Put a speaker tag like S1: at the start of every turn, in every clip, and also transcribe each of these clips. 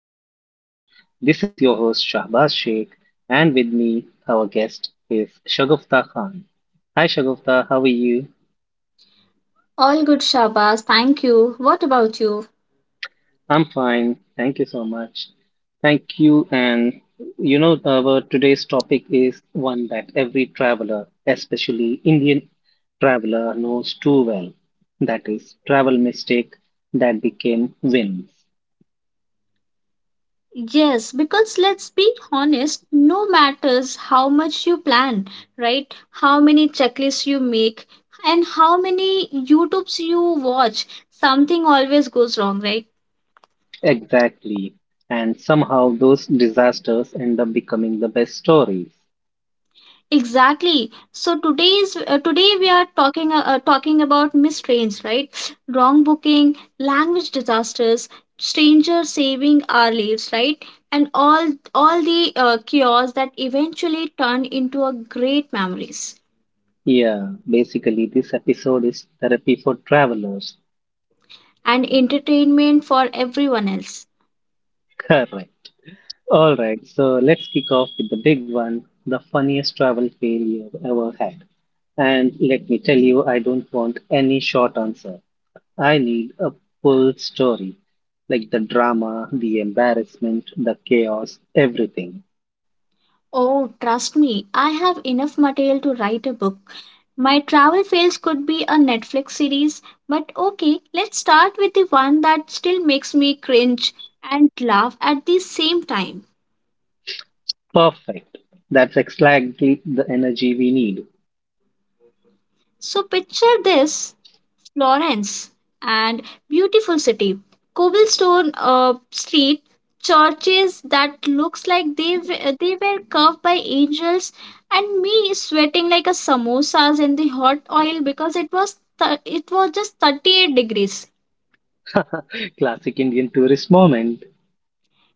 S1: And a Passport. This is your host, Shahbaz Sheikh, and with me, our guest is Shagufta Khan. Hi, Shagufta, how are you?
S2: All good, Shabas. Thank you. What about you?
S1: I'm fine, thank you so much. Thank you, and our today's topic is one that every traveler, especially Indian traveler, knows too well. That is travel mistake that became wins.
S2: Yes, because let's be honest, no matters how much you plan, right? How many checklists you make and how many YouTubes you watch, something always goes wrong, right?
S1: Exactly. And somehow those disasters end up becoming the best stories.
S2: Exactly. So today we are talking talking about mistrains, right? Wrong booking, language disasters, strangers saving our lives, right? And all the chaos that eventually turn into a great memories
S1: Yeah, basically, this episode is therapy for travelers.
S2: and entertainment for everyone else.
S1: Correct. All right, so let's kick off with the big one the funniest travel fail you've ever had. And let me tell you, I don't want any short answer. I need a full story, like the drama, the embarrassment, the chaos, everything.
S2: Oh, trust me, I have enough material to write a book. My travel fails could be a Netflix series, but okay, let's start with the one that still makes me cringe and laugh at the same time.
S1: Perfect. That's exactly the energy we need.
S2: So, picture this Florence and beautiful city, cobblestone street, churches that looks like they were carved by angels, and me sweating like a samosas in the hot oil because it was just 38 degrees.
S1: Classic Indian tourist moment.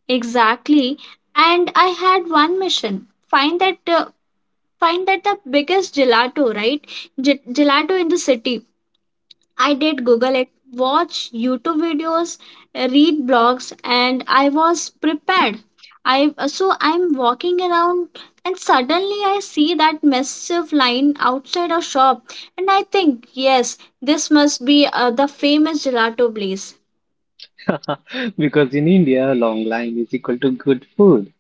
S2: Exactly. And I had one mission. Find that uh, find that the biggest gelato, right? Gelato in the city. I did Google it, watch YouTube videos, read blogs, and I was prepared. I so I'm walking around and suddenly I see that massive line outside a shop and I think, yes, this must be the famous gelato place.
S1: Because in India, long line is equal to good food.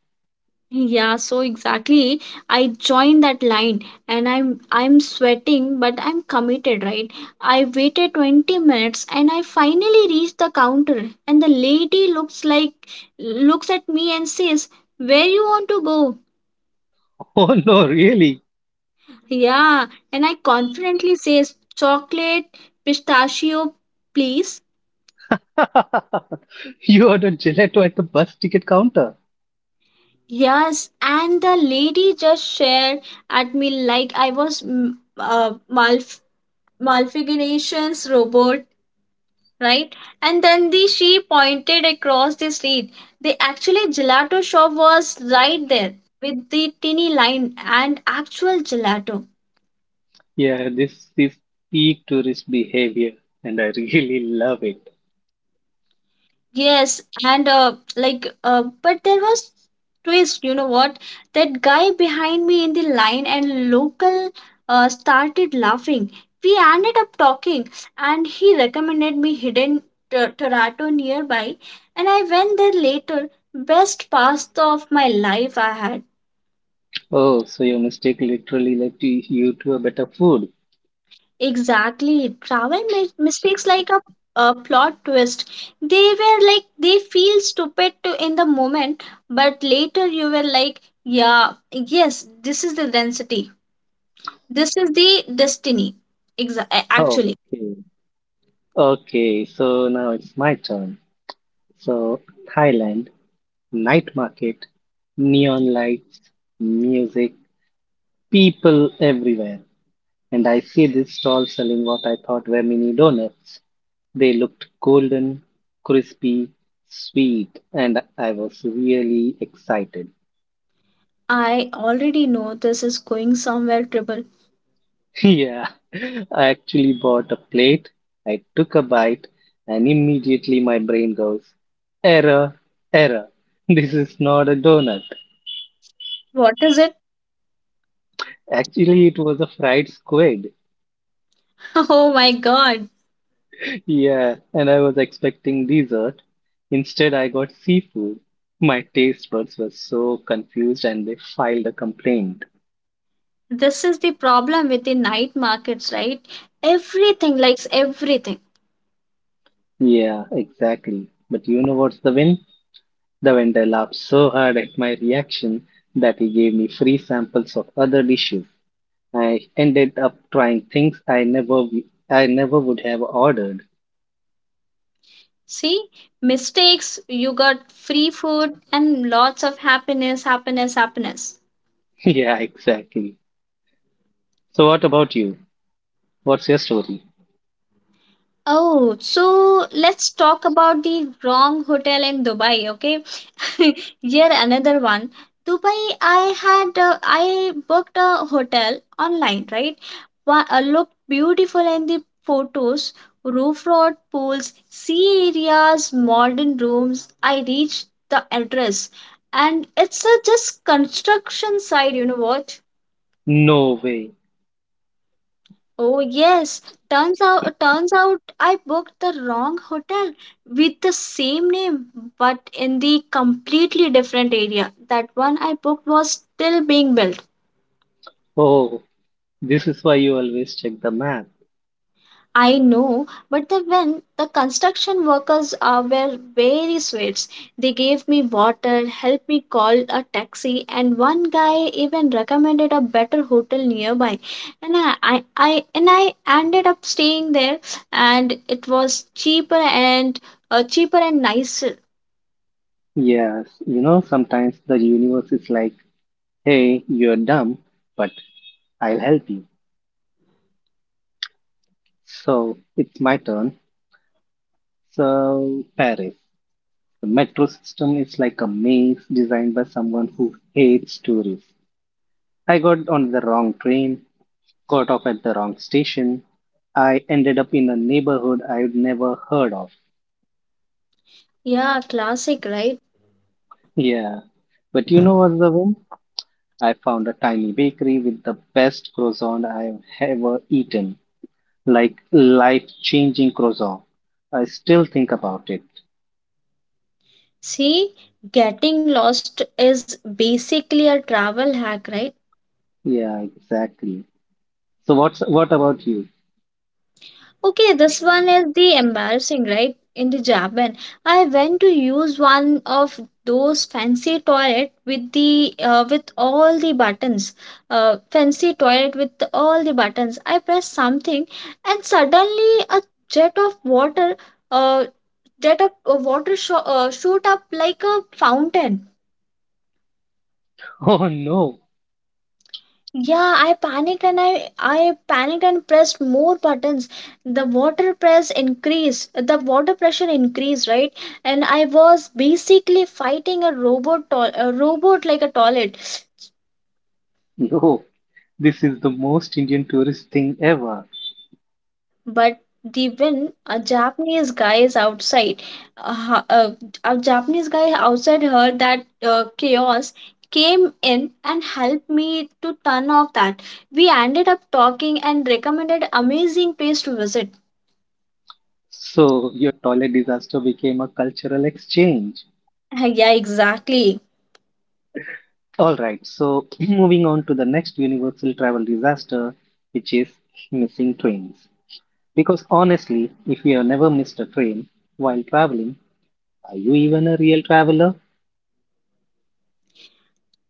S2: Yeah, so exactly. I joined that line and I'm sweating but I'm committed, right? I waited 20 minutes and I finally reached the counter and the lady looks at me and says, "Where you want to go?"
S1: Oh no, really?
S2: Yeah, and I confidently says, "Chocolate pistachio, please."
S1: You ordered gelato at the bus ticket counter.
S2: Yes, and the lady just shared at me like I was uh, malf malfigurations robot, right? And then the she pointed across the street. The actually gelato shop was right there with the tinny line and actual gelato.
S1: Yeah, this is peak tourist behavior, and I really love it.
S2: Yes, and but there was twist. You know what? That guy behind me in the line and local started laughing. We ended up talking, and he recommended me hidden Toronto nearby, and I went there later. Best pasta of my life I had.
S1: Oh, so your mistake literally led to you to a better food.
S2: Exactly. Travel mistakes like a plot twist. They were like, they feel stupid to, in the moment, but later you were like, yeah, yes, this is the density. This is the destiny. Exa- a- actually,
S1: Okay. Okay, so now it's my turn. So, Thailand, night market, neon lights, music, people everywhere, and I see this stall selling what I thought were mini donuts. They looked golden, crispy, sweet, and I was really excited.
S2: I already know this is going somewhere triple.
S1: Yeah, I actually bought a plate, I took a bite, and immediately my brain goes, Error, error, this is not a donut.
S2: What is it?
S1: Actually, it was a fried squid.
S2: Oh my god.
S1: Yeah, and I was expecting dessert. Instead, I got seafood. My taste buds were so confused and they filed a complaint.
S2: This is the problem with the night markets, right? Everything likes everything.
S1: Yeah, exactly. But you know what's the win? The vendor laughed so hard at my reaction that he gave me free samples of other dishes. I ended up trying things I never I never would have ordered.
S2: See, mistakes, you got free food and lots of happiness, happiness, happiness.
S1: Yeah, exactly. So what about you? What's your story?
S2: Oh, so let's talk about the wrong hotel in Dubai, okay? Here another one. Dubai, I booked a hotel online, right? Looked beautiful in the photos. Roof road, pools, sea areas, modern rooms. I reached the address, and it's a just construction site. You know what?
S1: No way.
S2: Oh yes, turns out I booked the wrong hotel with the same name but in the completely different area. That one I booked was still being built.
S1: Oh, this is why you always check the map.
S2: I know, but the when the construction workers were very sweet. They gave me water, helped me call a taxi, and one guy even recommended a better hotel nearby. And I ended up staying there, and it was cheaper and cheaper and nicer.
S1: Yes, you know, sometimes the universe is like, hey, you're dumb, but I'll help you. So it's my turn. So, Paris. The metro system is like a maze designed by someone who hates tourists. I got on the wrong train, got off at the wrong station. I ended up in a neighborhood I'd never heard of.
S2: Yeah, classic, right?
S1: Yeah, but you know what's the win? I found a tiny bakery with the best croissant I've ever eaten, like life changing croissant. I still think about it.
S2: See, getting lost is basically a travel hack, right?
S1: Yeah, exactly. So what's what about you?
S2: Okay, this one is the embarrassing, right? In the Japan, I went to use one of those fancy toilet with the with all the buttons, I pressed something, and suddenly a jet of water, uh, jet of water sho- shoot up like a fountain.
S1: Oh no,
S2: Yeah, I panicked and pressed more buttons. The water pressure increased, right? And I was basically fighting a robot like a toilet.
S1: no! This is the most Indian tourist thing ever.
S2: But the when a Japanese guy is outside, uh, uh, a Japanese guy outside heard that chaos came in and helped me to turn off that. We ended up talking and recommended amazing place to visit.
S1: So your toilet disaster became a cultural exchange.
S2: Yeah, exactly.
S1: All right. So moving on to the next universal travel disaster, which is missing trains. Because honestly, if you have never missed a train while traveling, are you even a real traveler?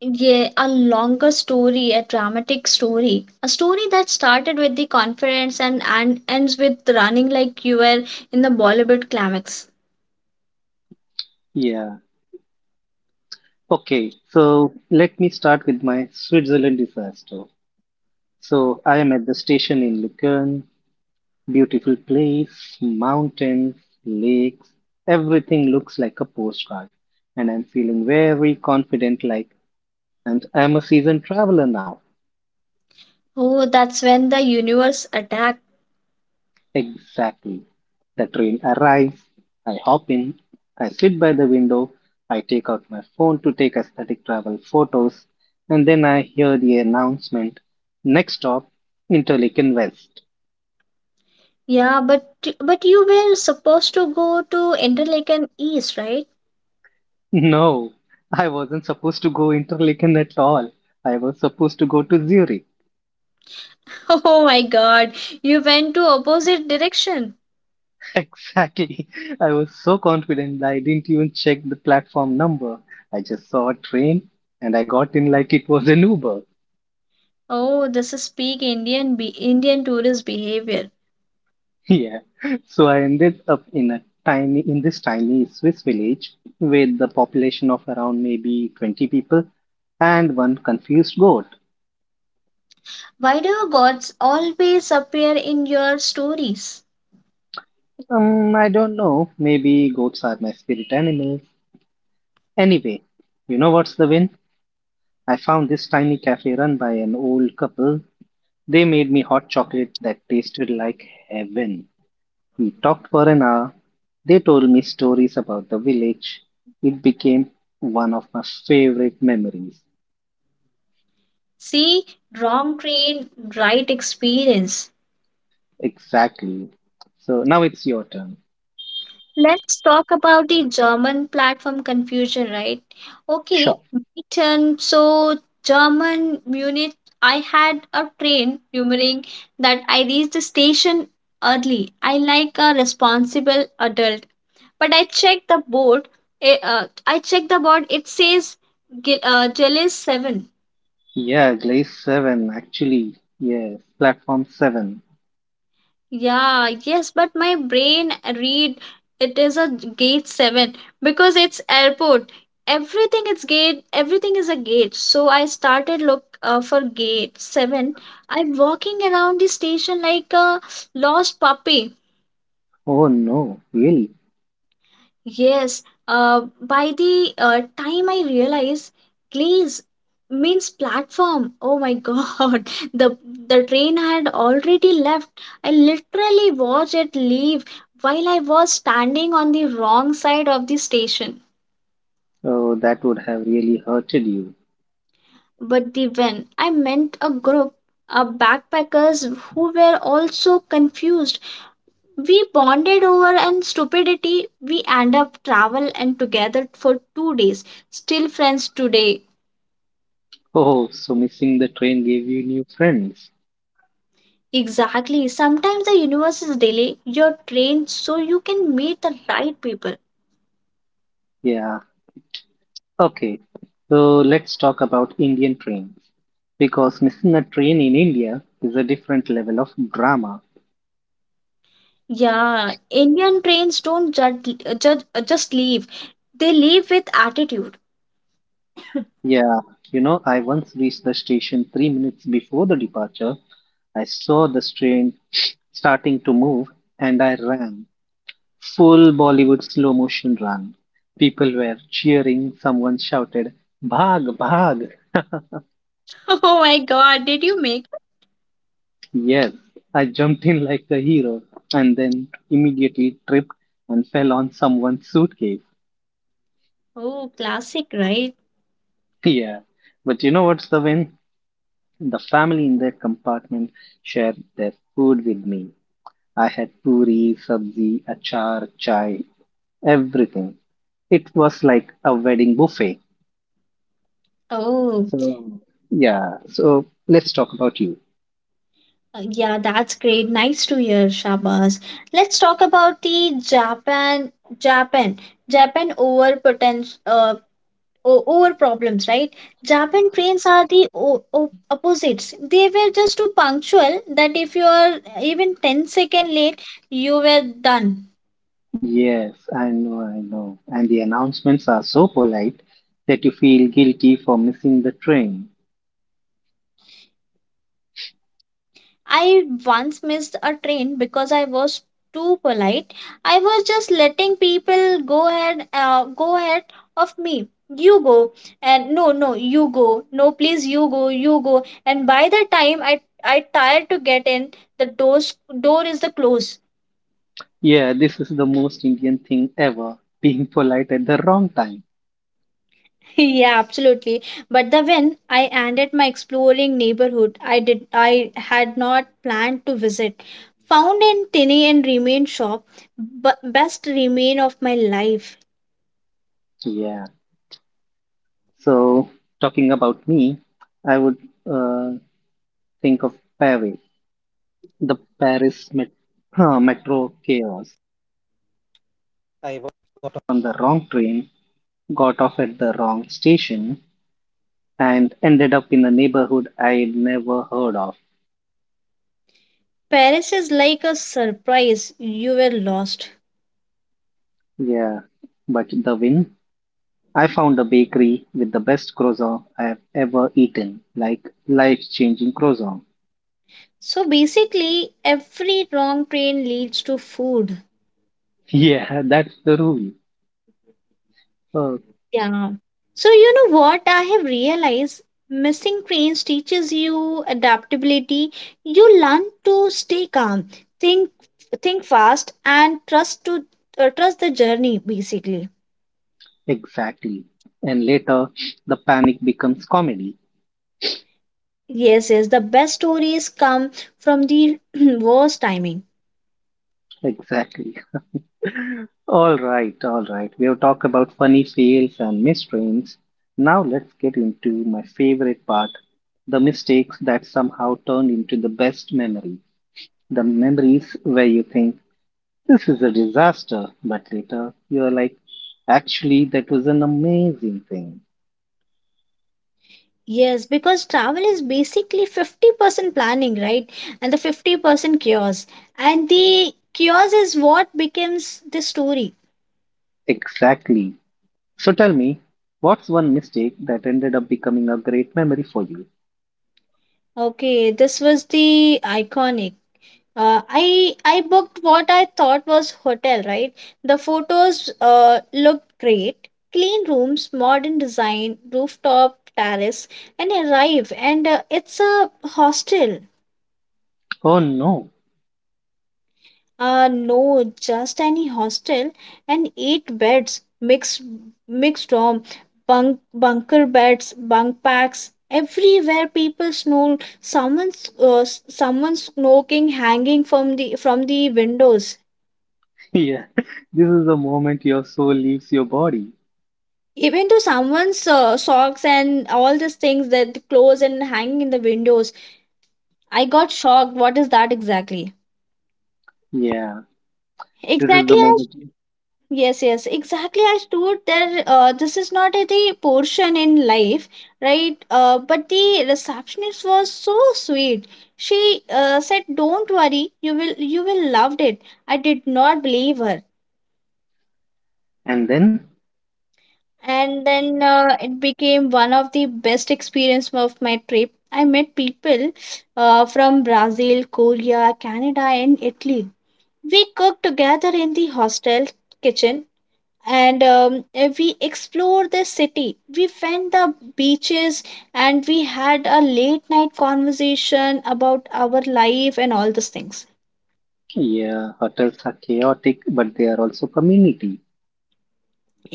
S2: Yeah, a longer story, a dramatic story, a story that started with the conference and ends with running like you were in the Bollywood climax.
S1: Yeah, okay, so let me start with my Switzerland disaster. So I am at the station in Lucerne, beautiful place, mountains, lakes, everything looks like a postcard, and I'm feeling very confident like and I'm a seasoned traveler now.
S2: Oh, that's when the universe attacked.
S1: Exactly. The train arrives, I hop in, I sit by the window, I take out my phone to take aesthetic travel photos, and then I hear the announcement next stop, Interlaken West.
S2: Yeah, but you were supposed to go to Interlaken East, right?
S1: No, I wasn't supposed to go Interlaken at all. I was supposed to go to Zurich.
S2: Oh my God, you went to opposite direction.
S1: Exactly. I was so confident that I didn't even check the platform number. I just saw a train and I got in like it was an Uber.
S2: Oh, this is peak Indian tourist behavior.
S1: Yeah, so I ended up in a tiny in this tiny Swiss village with the population of around maybe 20 people and one confused goat.
S2: Why do gods always appear in your stories?
S1: I don't know, maybe goats are my spirit animals. Anyway, you know what's the win? I found this tiny cafe run by an old couple. They made me hot chocolate that tasted like heaven. We talked for an hour. They told me stories about the village. It became one of my favorite memories.
S2: See, wrong train, right experience.
S1: Exactly. So now it's your turn.
S2: Let's talk about the German platform confusion, right? Okay,
S1: Sure.
S2: my turn. So, German Munich, I had a train rumoring that I reached the station early. I like a responsible adult, but I checked the board. Eh, I checked the board. It says Jealous 7.
S1: Yeah, Glaze 7, actually. Yes, Platform 7.
S2: Yeah, yes, but my brain read it is a gate 7 because it's airport. Everything is gate, everything is a gate. So I started look for gate 7. I'm walking around the station like a lost puppy.
S1: Oh no, really?
S2: Yes, by the time I realized, glaze means platform. Oh my God, the train had already left. I literally watched it leave while I was standing on the wrong side of the station.
S1: Oh, that would have really hurted you.
S2: But the when I meant a group of backpackers who were also confused. We bonded over and stupidity. We end up travel and together for 2 days. Still friends today.
S1: Oh, so missing the train gave you new friends.
S2: Exactly. Sometimes the universe is delay your train so you can meet the right people.
S1: Yeah, okay. So let's talk about Indian trains. Because missing a train in India is a different level of drama.
S2: Yeah, Indian trains don't judge, judge just leave. They leave with attitude.
S1: Yeah, you know, I once reached the station 3 minutes before the departure. I saw the train starting to move and I ran. Full Bollywood slow motion run. People were cheering. Someone shouted, Bhag, Bhag.
S2: Oh my god, did you make?
S1: Yes, I jumped in like a hero and then immediately tripped and fell on someone's suitcase.
S2: Oh, classic, right?
S1: Yeah, but you know what's the win? The family in that compartment shared their food with me. I had puri, sabzi, achar, chai, everything. It was like a wedding buffet.
S2: Oh,
S1: So, yeah, so let's talk about you.
S2: yeah, that's great. Nice to hear, Shabas. Let's talk about the Japan, Japan over problems, right? Japan trains are the opposites. They were just too punctual that if you are even 10 second late, you were done.
S1: Yes, I know, I know. And the announcements are so polite that you feel guilty for missing the train.
S2: I once missed a train because I was too polite. I was just letting people go ahead of me. You go, and no, no, you go, no, please, you go, you go. And by the time I tried to get in, door is the close.
S1: Yeah, this is the most Indian thing ever, being polite at the wrong time.
S2: Yeah, absolutely. But the when I ended my exploring neighborhood I had not planned to visit, found in Tiny and Remain shop, but best remain of my life.
S1: Yeah. So, talking about me, I would uh, think of Paris. The Paris metro chaos. I got on the wrong train, got off at the wrong station, and ended up in a neighborhood I'd never heard of.
S2: Paris is like a surprise. You were lost.
S1: Yeah, but the win? I found a bakery with the best croissant I have ever eaten, like life-changing croissant.
S2: So basically, every wrong train leads to food.
S1: Yeah, that's the rule. Uh,
S2: Yeah. So, you know what I have realized? Missing trains teaches you adaptability. You learn to stay calm, think think fast and trust the journey basically.
S1: exactly. And later, the panic becomes comedy.
S2: Yes, yes, the best stories come from the worst timing.
S1: Exactly. All right, all right. We have talked about funny fails and mistrains. Now let's get into my favorite part the mistakes that somehow turned into the best memory. The memories where you think, this is a disaster, but later you are like, actually, that was an amazing thing.
S2: Yes, because travel is basically 50% planning, right? And the 50% chaos. And the chaos is what becomes the story.
S1: Exactly. So tell me, what's one mistake that ended up becoming a great memory for you?
S2: Okay, this was the iconic. I booked what I thought was hotel, right? The photos looked great. Clean rooms, modern design, rooftop terrace, and arrive and it's a hostel.
S1: Oh no.
S2: No, just any hostel and eight beds, mixed dorm, bunker beds, bunk packs. Everywhere people snore. Someone's smoking hanging from the windows.
S1: Yeah, this is the moment your soul leaves your body.
S2: Even to someone's socks and all these things that clothes and hanging in the windows. I got shocked, what is that, exactly.
S1: Yeah. This is
S2: Exactly
S1: the moment.
S2: yes, yes, exactly I stood there, this is not the portion in life, right. But the receptionist was so sweet. She said don't worry, you will loved it. I did not believe her.
S1: And then,
S2: And then it became one of the best experience of my trip. I met people from Brazil, Korea, Canada and Italy. We cooked together in the hostel kitchen and we explored the city. We went the beaches and we had a late night conversation about our life and all these things.
S1: yeah, hotels are chaotic, but they are also community.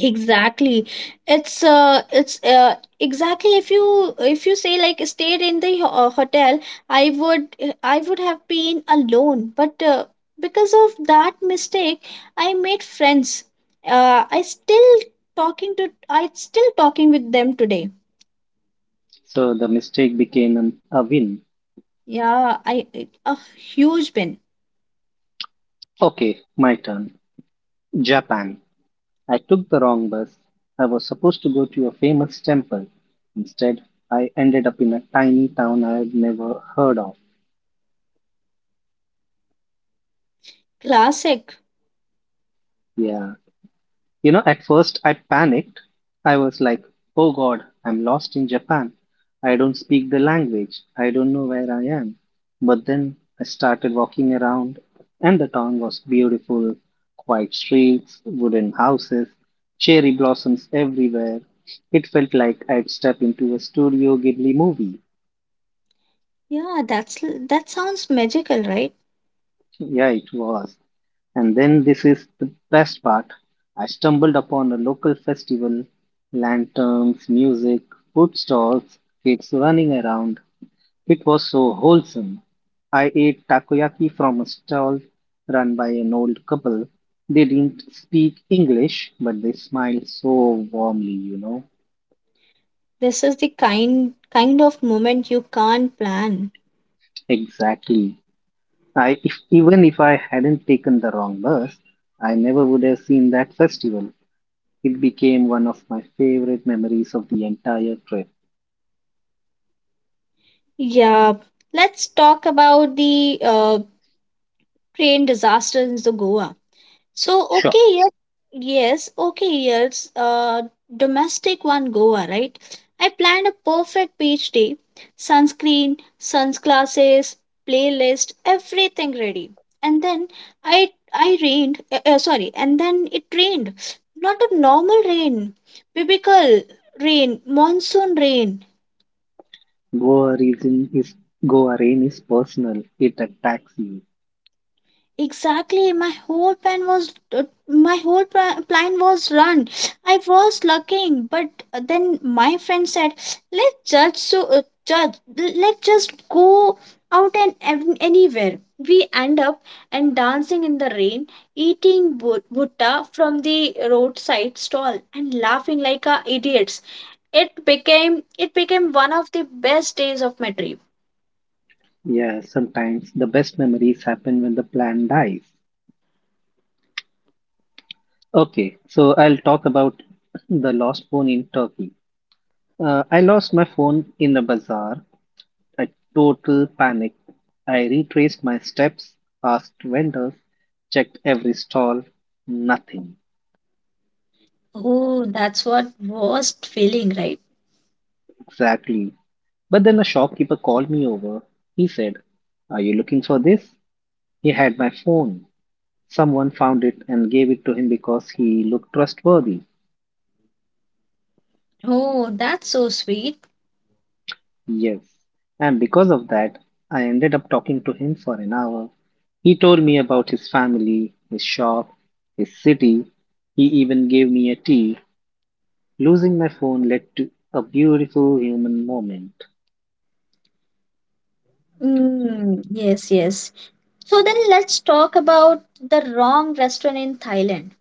S2: Exactly. It's Exactly, if you say like stayed in the hotel, i would I would have been alone, but because of that mistake I made friends. uh i still I still talking with them today.
S1: So the mistake became a win.
S2: Yeah, a huge bin.
S1: Okay, my turn. Japan. I took the wrong bus. I was supposed to go to a famous temple. Instead, I ended up in a tiny town I had never heard of.
S2: Classic.
S1: Yeah, you know, at first I panicked. I was like, oh God, I'm lost in Japan. I don't speak the language. I don't know where I am. But then I started walking around, and the town was beautiful. Quiet streets, wooden houses, cherry blossoms everywhere. It felt like I'd stepped into a Studio Ghibli movie.
S2: Yeah, that sounds magical, right.
S1: Yeah, it was. And then this is the best part. I stumbled upon a local festival, lanterns, music, food stalls, kids running around. It was so wholesome. I ate takoyaki from a stall run by an old couple. They didn't speak English, but they smiled so warmly.
S2: This is the kind of moment you can't plan.
S1: Exactly. I if even if I hadn't taken the wrong bus, I never would have seen that festival. It became one of my favorite memories of the entire trip.
S2: Yeah, let's talk about the train disaster in the Goa. So,
S1: Sure,
S2: okay, yes, yes, okay, yes, domestic one Goa, right? I planned a perfect beach day, sunscreen, sunglasses, playlist, everything ready, and then I rained. Sorry, and then it rained. Not a normal rain, biblical rain, monsoon rain.
S1: Goa reason is Goa rain is personal. It attacks you.
S2: Exactly, my whole plan was my whole plan was run. I was looking, but then my friend said, "Let's just judge. Let's just go out and anywhere." We end up and dancing in the rain, eating butta from the roadside stall, and laughing like a idiots. It became one of the best days of my trip.
S1: Yeah, sometimes the best memories happen when the plan dies. Okay, so I'll talk about the lost phone in Turkey. I lost my phone in a bazaar. A total panic. I retraced my steps, asked vendors, checked every stall. Nothing.
S2: Oh, that's what worst feeling, right?
S1: Exactly. But then a shopkeeper called me over. He said, are you looking for this? He had my phone. Someone found it and gave it to him because he looked trustworthy.
S2: Oh, that's so sweet.
S1: Yes. And because of that, I ended up talking to him for an hour. He told me about his family, his shop, his city. He even gave me a tea. Losing my phone led to a beautiful human moment.
S2: Mm, yes, yes. So then let's talk about the wrong restaurant in Thailand.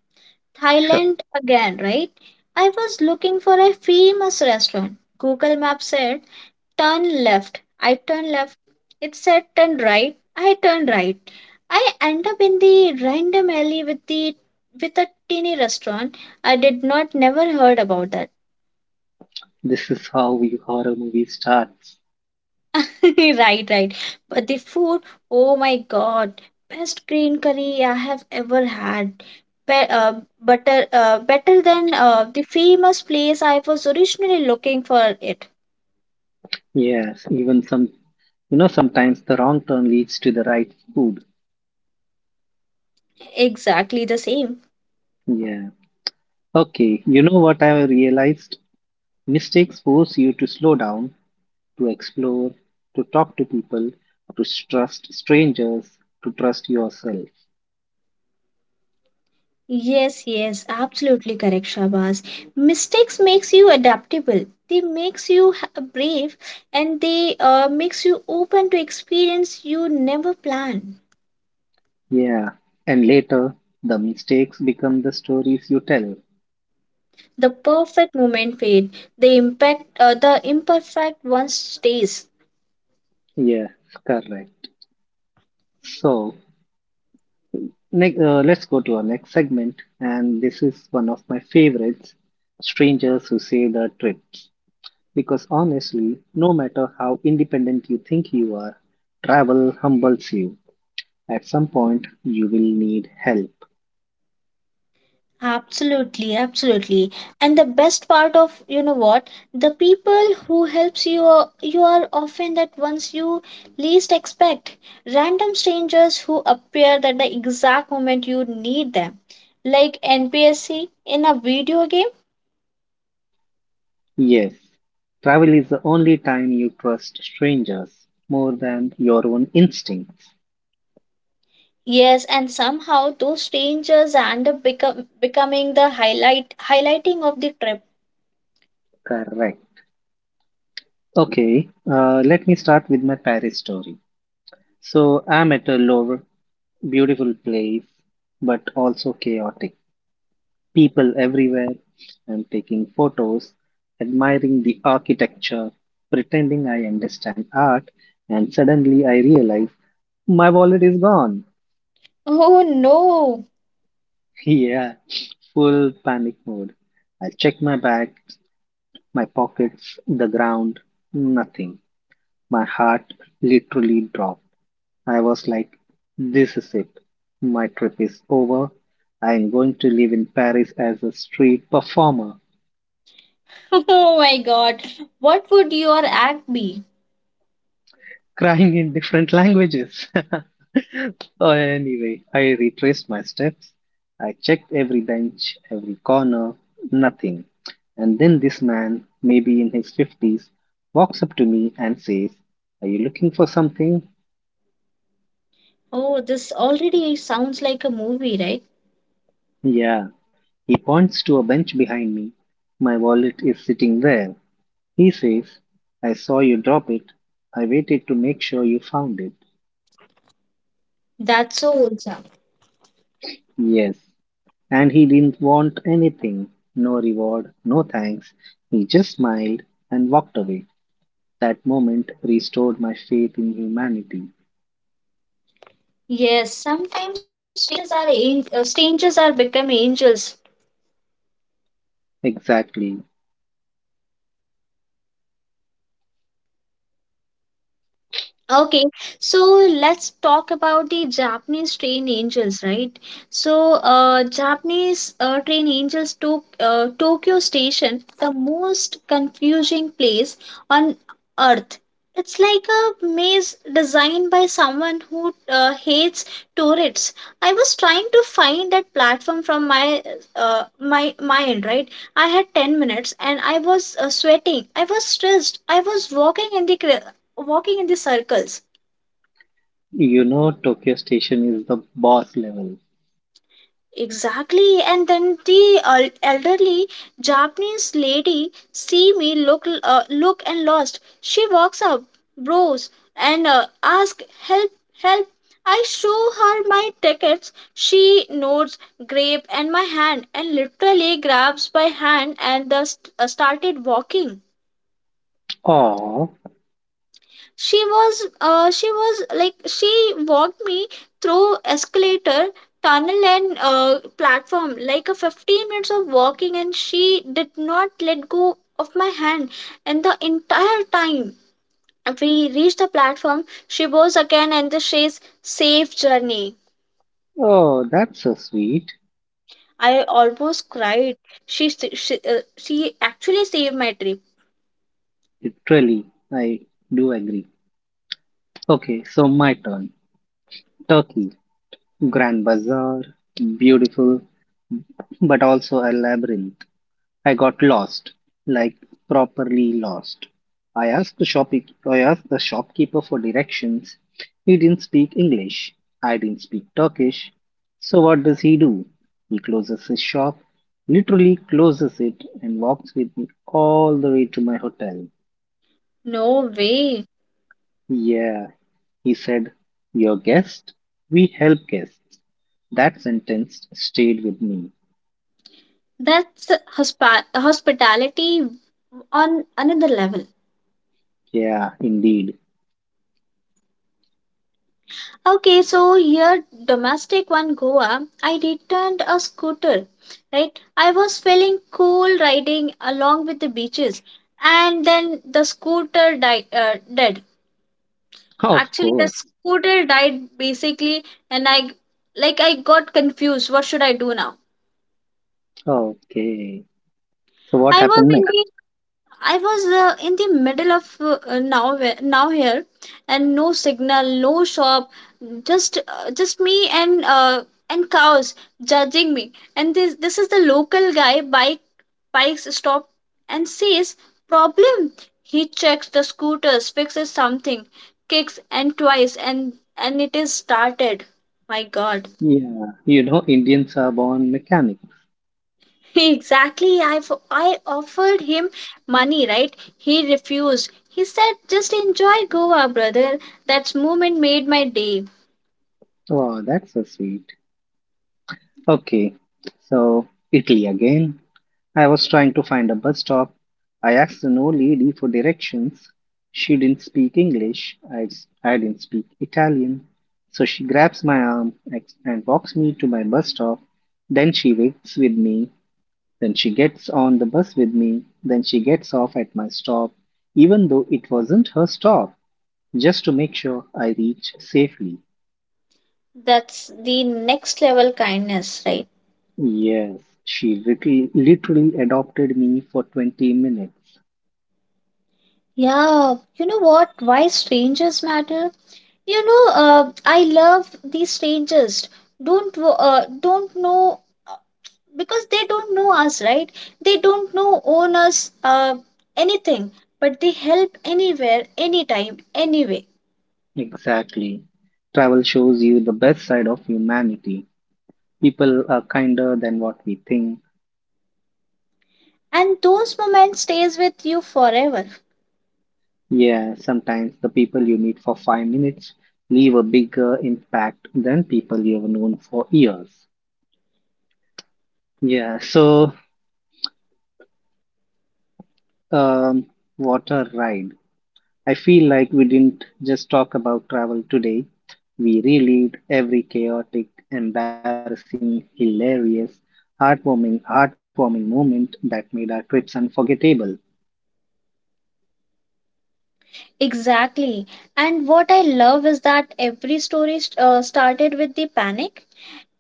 S1: Sure.
S2: Thailand again, right? I was looking for a famous restaurant. Google Maps said turn left. I turned left. It said turn right. I turned right. I end up in the random alley with a teeny restaurant. I did not never heard about that.
S1: This is how your horror movie starts.
S2: Right, right. But the food, oh my god, best green curry I have ever had. Better than the famous place I was originally looking for it.
S1: Yes, even some, you know, sometimes the wrong turn leads to the right food.
S2: Exactly the same.
S1: Yeah. Okay, you know what I realized? Mistakes force you to slow down, to explore, to talk to people, to trust strangers, to trust yourself.
S2: Yes, yes, absolutely correct, Shabaz. Mistakes makes you adaptable. They makes you brave, and they makes you open to experience you never planned.
S1: Yeah. And later, the mistakes become the stories you tell.
S2: The perfect moment fade, the impact the imperfect one stays.
S1: Yeah, correct. So, let's go to our next segment, and this is one of my favorites, strangers who save the trips. Because honestly, no matter how independent you think you are, travel humbles you. At some point, you will need help.
S2: Absolutely, absolutely. And the best part of you know what, the people who helps you are often that ones you least expect, random strangers who appear at the exact moment you need them, like npsc in a video game.
S1: Yes, travel is the only time you trust strangers more than your own instincts.
S2: Yes, and somehow those strangers end up becoming the highlighting of the trip.
S1: Correct. Okay, let me start with my Paris story. So, I'm at a Louvre, beautiful place, but also chaotic, people everywhere. I'm taking photos, admiring the architecture, pretending I understand art, and suddenly I realize my wallet is gone.
S2: Oh no.
S1: Yeah, full panic mode. I check my bag, my pockets, the ground, nothing. My heart literally dropped. I was like, this is it. My trip is over. I am going to live in Paris as a street performer.
S2: Oh my god. What would your act be?
S1: Crying in different languages. Anyway, I retraced my steps. I checked every bench, every corner, nothing. And then this man, maybe in his 50s, walks up to me and says, are you looking for something?
S2: Oh, this already sounds like a movie, right?
S1: Yeah. He points to a bench behind me. My wallet is sitting there. He says, I saw you drop it. I waited to make sure you found it.
S2: That's so awesome.
S1: Yes. And he didn't want anything no reward, no thanks. He just smiled and walked away. That moment restored my faith in humanity.
S2: Yes, sometimes strangers are, strangers are become angels.
S1: Exactly.
S2: Okay, so let's talk about the Japanese train angels, right? So, Japanese train angels took Tokyo Station, the most confusing place on earth. It's like a maze designed by someone who hates tourists. I was trying to find that platform from my my mind, right? I had 10 minutes and I was sweating. I was stressed. I was walking in the walking in the circles.
S1: You know, Tokyo Station is the boss level.
S2: Exactly, and then the elderly Japanese lady see me look and lost. She walks up, bros, and ask help, help. I show her my tickets. She nods, grape, and my hand, and literally grabs my hand and thus started walking.
S1: Oh,
S2: She was like she walked me through escalator tunnel and platform like a 15 minutes of walking, and she did not let go of my hand, and the entire time we reached the platform she was again and the says safe journey.
S1: oh, that's so sweet.
S2: I almost cried. She actually saved my trip.
S1: Literally, I do agree. Okay, so my turn. Turkey, Grand Bazaar, beautiful, but also a labyrinth. I got lost, like properly lost. I asked the shop I asked the shopkeeper for directions. He didn't speak English. I didn't speak Turkish. So what does he do? He closes his shop, literally closes it and walks with me all the way to my hotel.
S2: No way.
S1: Yeah, he said, your guest, we help guests. That sentence stayed with me.
S2: That's hospitality on another level.
S1: Yeah, indeed.
S2: Okay, so here domestic one Goa, I returned a scooter, right? I was feeling cool riding along with the beaches, and then the scooter died. Dead.
S1: Of
S2: Actually, the
S1: course.
S2: scooter died basically, and I like I got confused. What should I do now?
S1: Okay. So what
S2: I was
S1: happened next?
S2: thinking I was in the middle of now now here, and no signal, no shop, just me and cows judging me. And this is the local guy bike bikes stop and says problem. He checks the scooters, fixes something, kicks and twice, and it is started. My God.
S1: Yeah, you know, Indians are born mechanics.
S2: Exactly. I offered him money, right? He refused. He said, just enjoy Goa, brother. That moment made my day.
S1: Wow, that's so sweet. Okay, so Italy again. I was trying to find a bus stop. I asked an old lady for directions. She didn't speak English. I didn't speak Italian. So she grabs my arm and walks me to my bus stop. Then she waits with me. Then she gets on the bus with me. Then she gets off at my stop, even though it wasn't her stop just to make sure I reach safely.
S2: That's the next level kindness, right?
S1: Yes, she literally, literally adopted me for 20 minutes.
S2: Yeah. You know what? Why strangers matter? You know, I love these strangers. Don't, don't know, uh, because they don't know us, right? They don't know, own us, anything, but they help anywhere, anytime, anyway.
S1: Exactly. Travel shows you the best side of humanity. People are kinder than what we think.
S2: And those moments stays with you forever.
S1: Yeah, sometimes the people you meet for 5 minutes leave a bigger impact than people you have known for years. Yeah, so um, what a ride. I feel like we didn't just talk about travel today. We relived every chaotic, embarrassing, hilarious, heartwarming, heartwarming moment that made our trips unforgettable.
S2: Exactly. And what I love is that every story started with the panic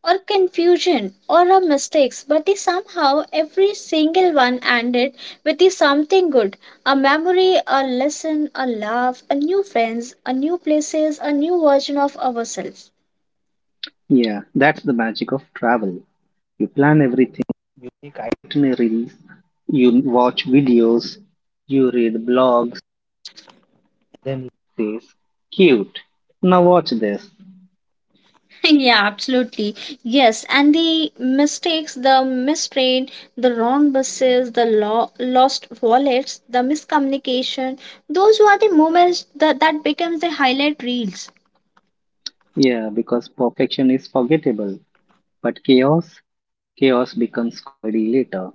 S2: or confusion or a mistakes, but the somehow every single one ended with the something good, a memory, a lesson, a laugh, a new friends, a new places, a new version of ourselves.
S1: Yeah, that's the magic of travel.
S2: Yeah, absolutely. Yes, and the mistakes, the mistrain, the wrong buses, the lost wallets, the miscommunication, those were the moments that becomes the highlight reels.
S1: Yeah, because perfection is forgettable, but chaos, chaos becomes comedy later.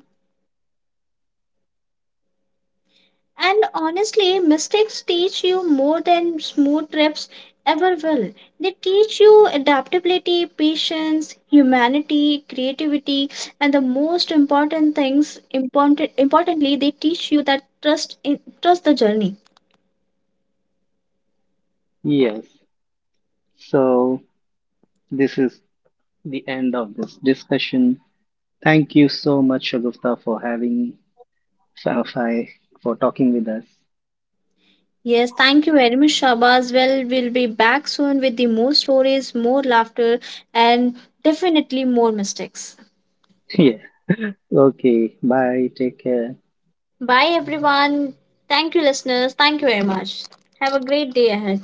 S2: And honestly, mistakes teach you more than smooth trips ever will. They teach you adaptability, patience, humanity, creativity, and the most important things importantly, they teach you that trust the journey.
S1: Yes. So this is the end of this discussion. Thank you so much, Shagufta, for having for for talking with us.
S2: Yes, thank you very much, Shabaz. Well, we'll be back soon with the more stories, more laughter, and definitely more mistakes.
S1: Yeah. Okay. Bye. Take care.
S2: Bye, everyone. Thank you, listeners. Thank you very much. Have a great day ahead.